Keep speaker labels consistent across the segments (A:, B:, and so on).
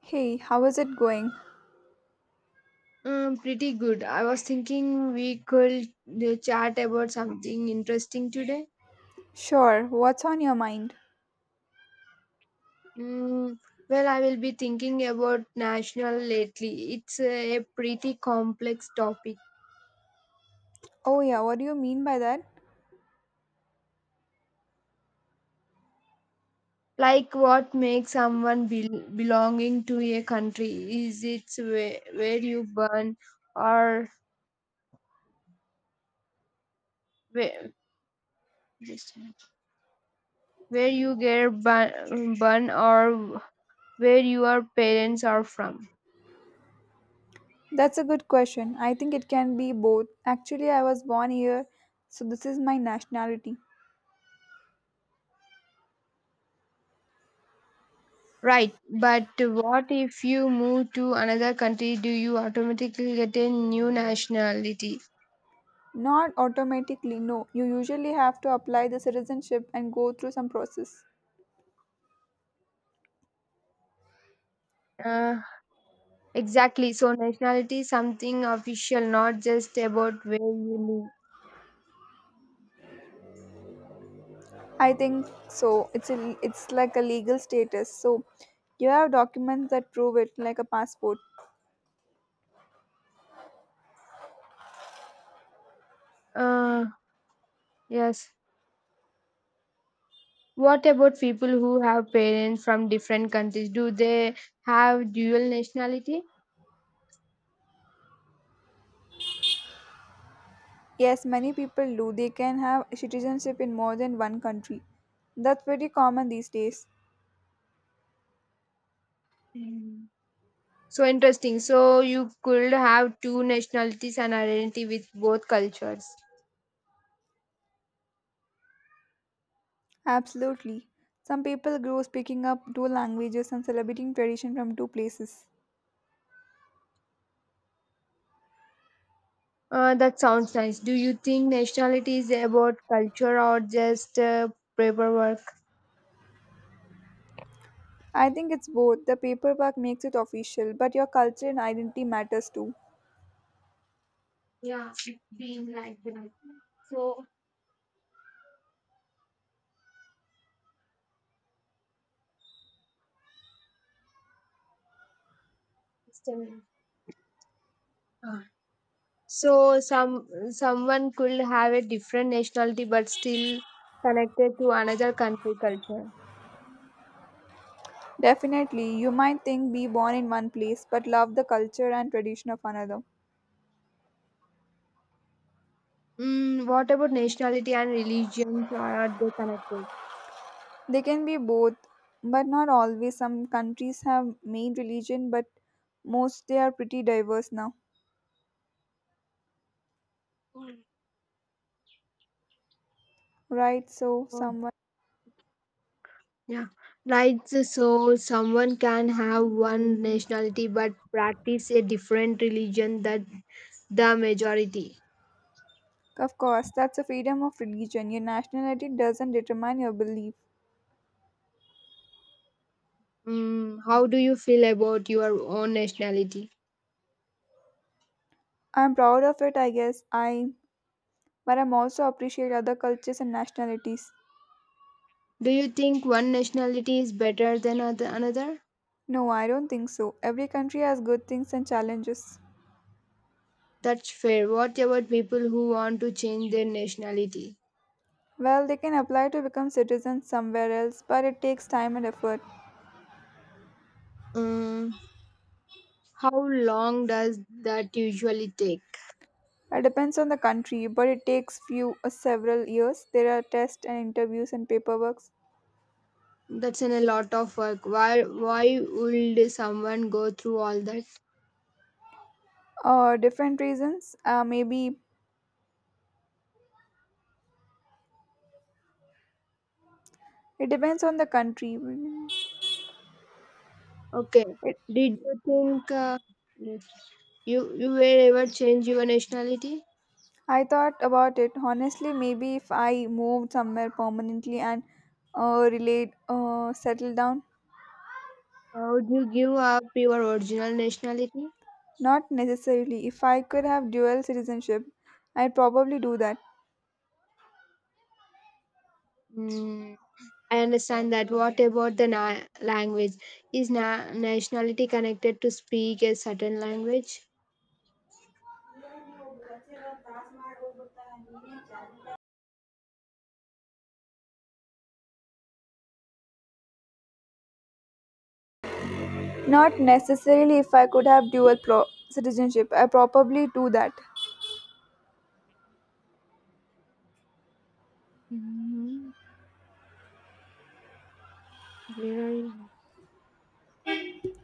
A: Hey, how is it going?
B: Pretty good. I was thinking we could chat about something interesting today.
A: Sure, what's on your mind?
B: Mm, well, I will be thinking about national lately. It's a pretty complex topic.
A: Oh, yeah, what do you mean by that?
B: Like what makes someone belonging to a country? Is it where you born or where, just a minute. Where you get born or where your parents are from?
A: That's a good question. I think it can be both. Actually, I was born here, so this is my nationality.
B: Right, but what if you move to another country? Do you automatically get a new nationality?
A: Not automatically, no. You usually have to apply the citizenship and go through some process.
B: Uh, exactly. So nationality is something official, not just about where you
A: I think so. It's like a legal status. So, you have documents that prove it, like a passport.
B: live. Yes. What about people who have parents from different countries? Do they have dual nationality?
A: Yes, many people do. They can have citizenship in more than one country. That's pretty common these days.
B: Mm. So interesting. So you could have two nationalities and identity with both cultures.
A: Absolutely. Some people grow speaking up two languages and celebrating tradition from two places.
B: That sounds nice. Do you think nationality is about culture or just paperwork?
A: I think it's both. The paperwork makes it official, but your culture and identity matters too.
B: Yeah, it's been like that. So, system- Ah. So someone could have a different nationality but still connected to another country culture.
A: Definitely, you might think be born in one place but love the culture and tradition of another.
B: Mm, what about nationality and religions? Are they connected?
A: They can be both, but not always. Some countries have main religion, but most they are pretty diverse now,
B: Mm.
A: right? So,
B: Oh,
A: someone,
B: yeah, right. So someone can have one nationality but practice a different religion than the majority.
A: of course, that's the freedom of religion. Your nationality doesn't determine your belief.
B: Mm, how do you feel about your own nationality?
A: I'm proud of it, I guess. I but I'm also appreciate other cultures and nationalities.
B: Do you think one nationality is better than another?
A: No, I don't think so. Every country has good things and challenges.
B: That's fair. What about people who want to change their nationality?
A: Well, they can apply to become citizens somewhere else, but it takes time and effort.
B: Mm, how long does that usually take?
A: It depends on the country, but it takes few or several years. There are tests and interviews and paperwork.
B: That's in a lot of work. Why would someone go through all that?
A: Different reasons. Maybe it depends on the country.
B: Okay.
A: It,
B: Did you think you were ever change your nationality?
A: I thought about it honestly. Maybe if I moved somewhere permanently and settled down,
B: Would you give up your original nationality?
A: not necessarily. If I could have dual citizenship, I'd probably do that.
B: Mm, I understand that. What about the language? Is nationality connected to speak a certain language?
A: Not necessarily. If I could have citizenship, I probably do that.
B: Mm, where are you?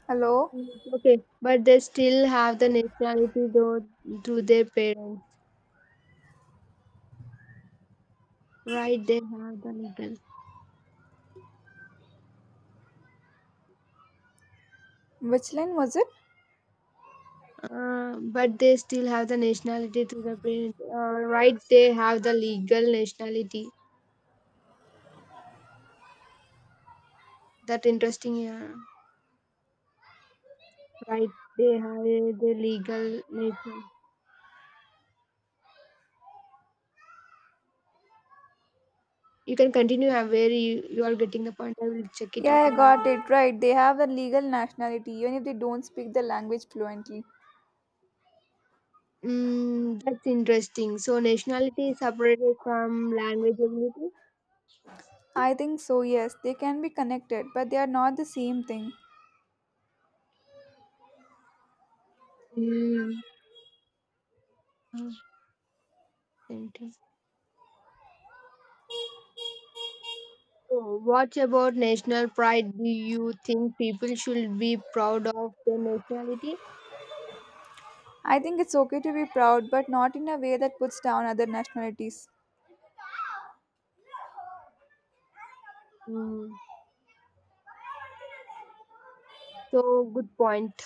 A: Hello,
B: Mm, okay, but they still have the nationality though through their parents, right? They have the legal.
A: which line was it?
B: But they still have the nationality to the parent. Right, they have the legal nationality. That interesting, yeah. Right, they have the legal nation. You can continue where you are getting the point. I will check it out.
A: Yeah, I
B: And I
A: got it
B: will...
A: right. They have the legal nationality even if they don't speak the language fluently.
B: Mm, that's interesting. So nationality is separated from language ability.
A: I think so. Yes, they can be connected, but they are not the same thing.
B: Mm. Oh, interesting. So what about national pride? Do you think people should be proud of their nationality?
A: I think it's okay to be proud, but not in a way that puts down other nationalities.
B: Mm. So, good point.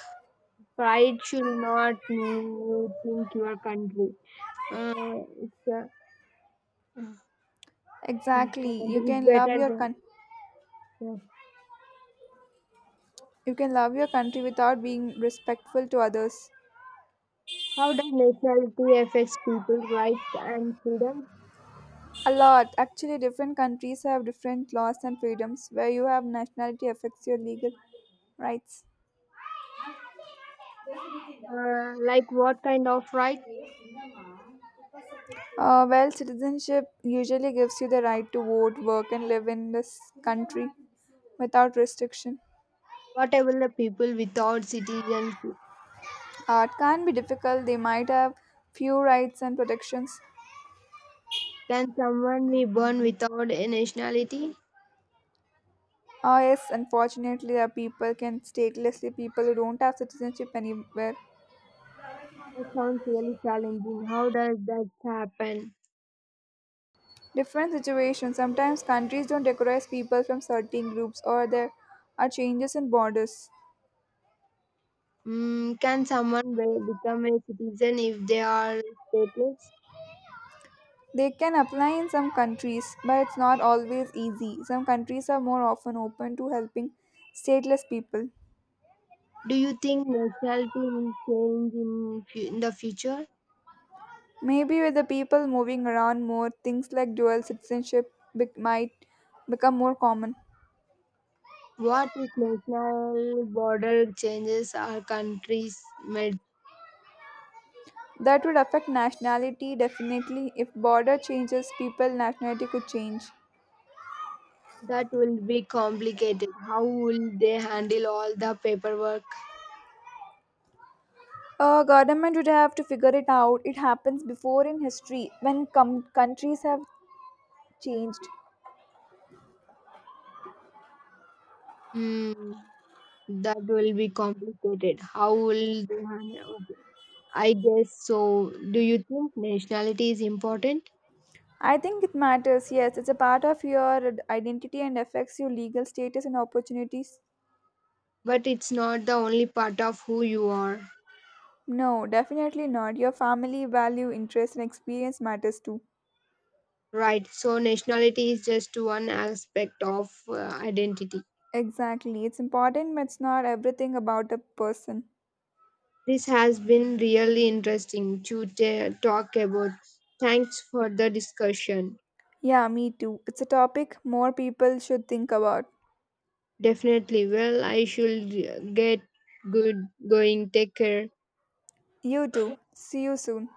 B: Pride should not mean you think your country. Uh, it's, uh, think your
A: Exactly.
B: country is better than. Yeah.
A: You can love your country without being respectful to others.
B: How does nationality affects people's rights and freedoms?
A: A lot. Actually, different countries have different laws and freedoms. Where you have nationality affects your legal rights.
B: Like what kind of rights?
A: Well, citizenship usually gives you the right to vote, work, and live in this country without restriction.
B: What about the people without citizenship?
A: It can be difficult. They might have few rights and protections.
B: Can someone be born without a nationality?
A: Ah, yes, unfortunately, there are people can statelessly people who don't have citizenship anywhere.
B: That sounds really challenging. How does that happen?
A: Different situations. Sometimes countries don't recognize people from certain groups, or there are changes in borders.
B: Mm, can someone become a citizen if they are stateless?
A: They can apply in some countries, but it's not always easy. Some countries are more often open to helping stateless people.
B: Do you think nationality will change in the future?
A: Maybe with the people moving around more, things like might become more common.
B: What if national border changes our countries melt?
A: That would affect nationality definitely. If border changes, people nationality could change.
B: That will be complicated. How will they handle all the paperwork?
A: Government would have to figure it out. It happens before in history when countries have changed.
B: Hmm, that will be complicated. How will they handle? Okay. I guess so. Do you think nationality is important?
A: I think it matters. Yes, it's a part of your identity and affects your legal status and opportunities.
B: But it's not the only part of who you are.
A: No, definitely not. Your family value, interest, and experience matters too.
B: Right. So nationality is just one aspect of identity.
A: Exactly. It's important, but it's not everything about a person.
B: This has been really interesting to talk about. Thanks for the discussion.
A: Yeah, me too. It's a topic more people should think about.
B: Definitely. Well, I should get good going. Take care.
A: You too. See you soon.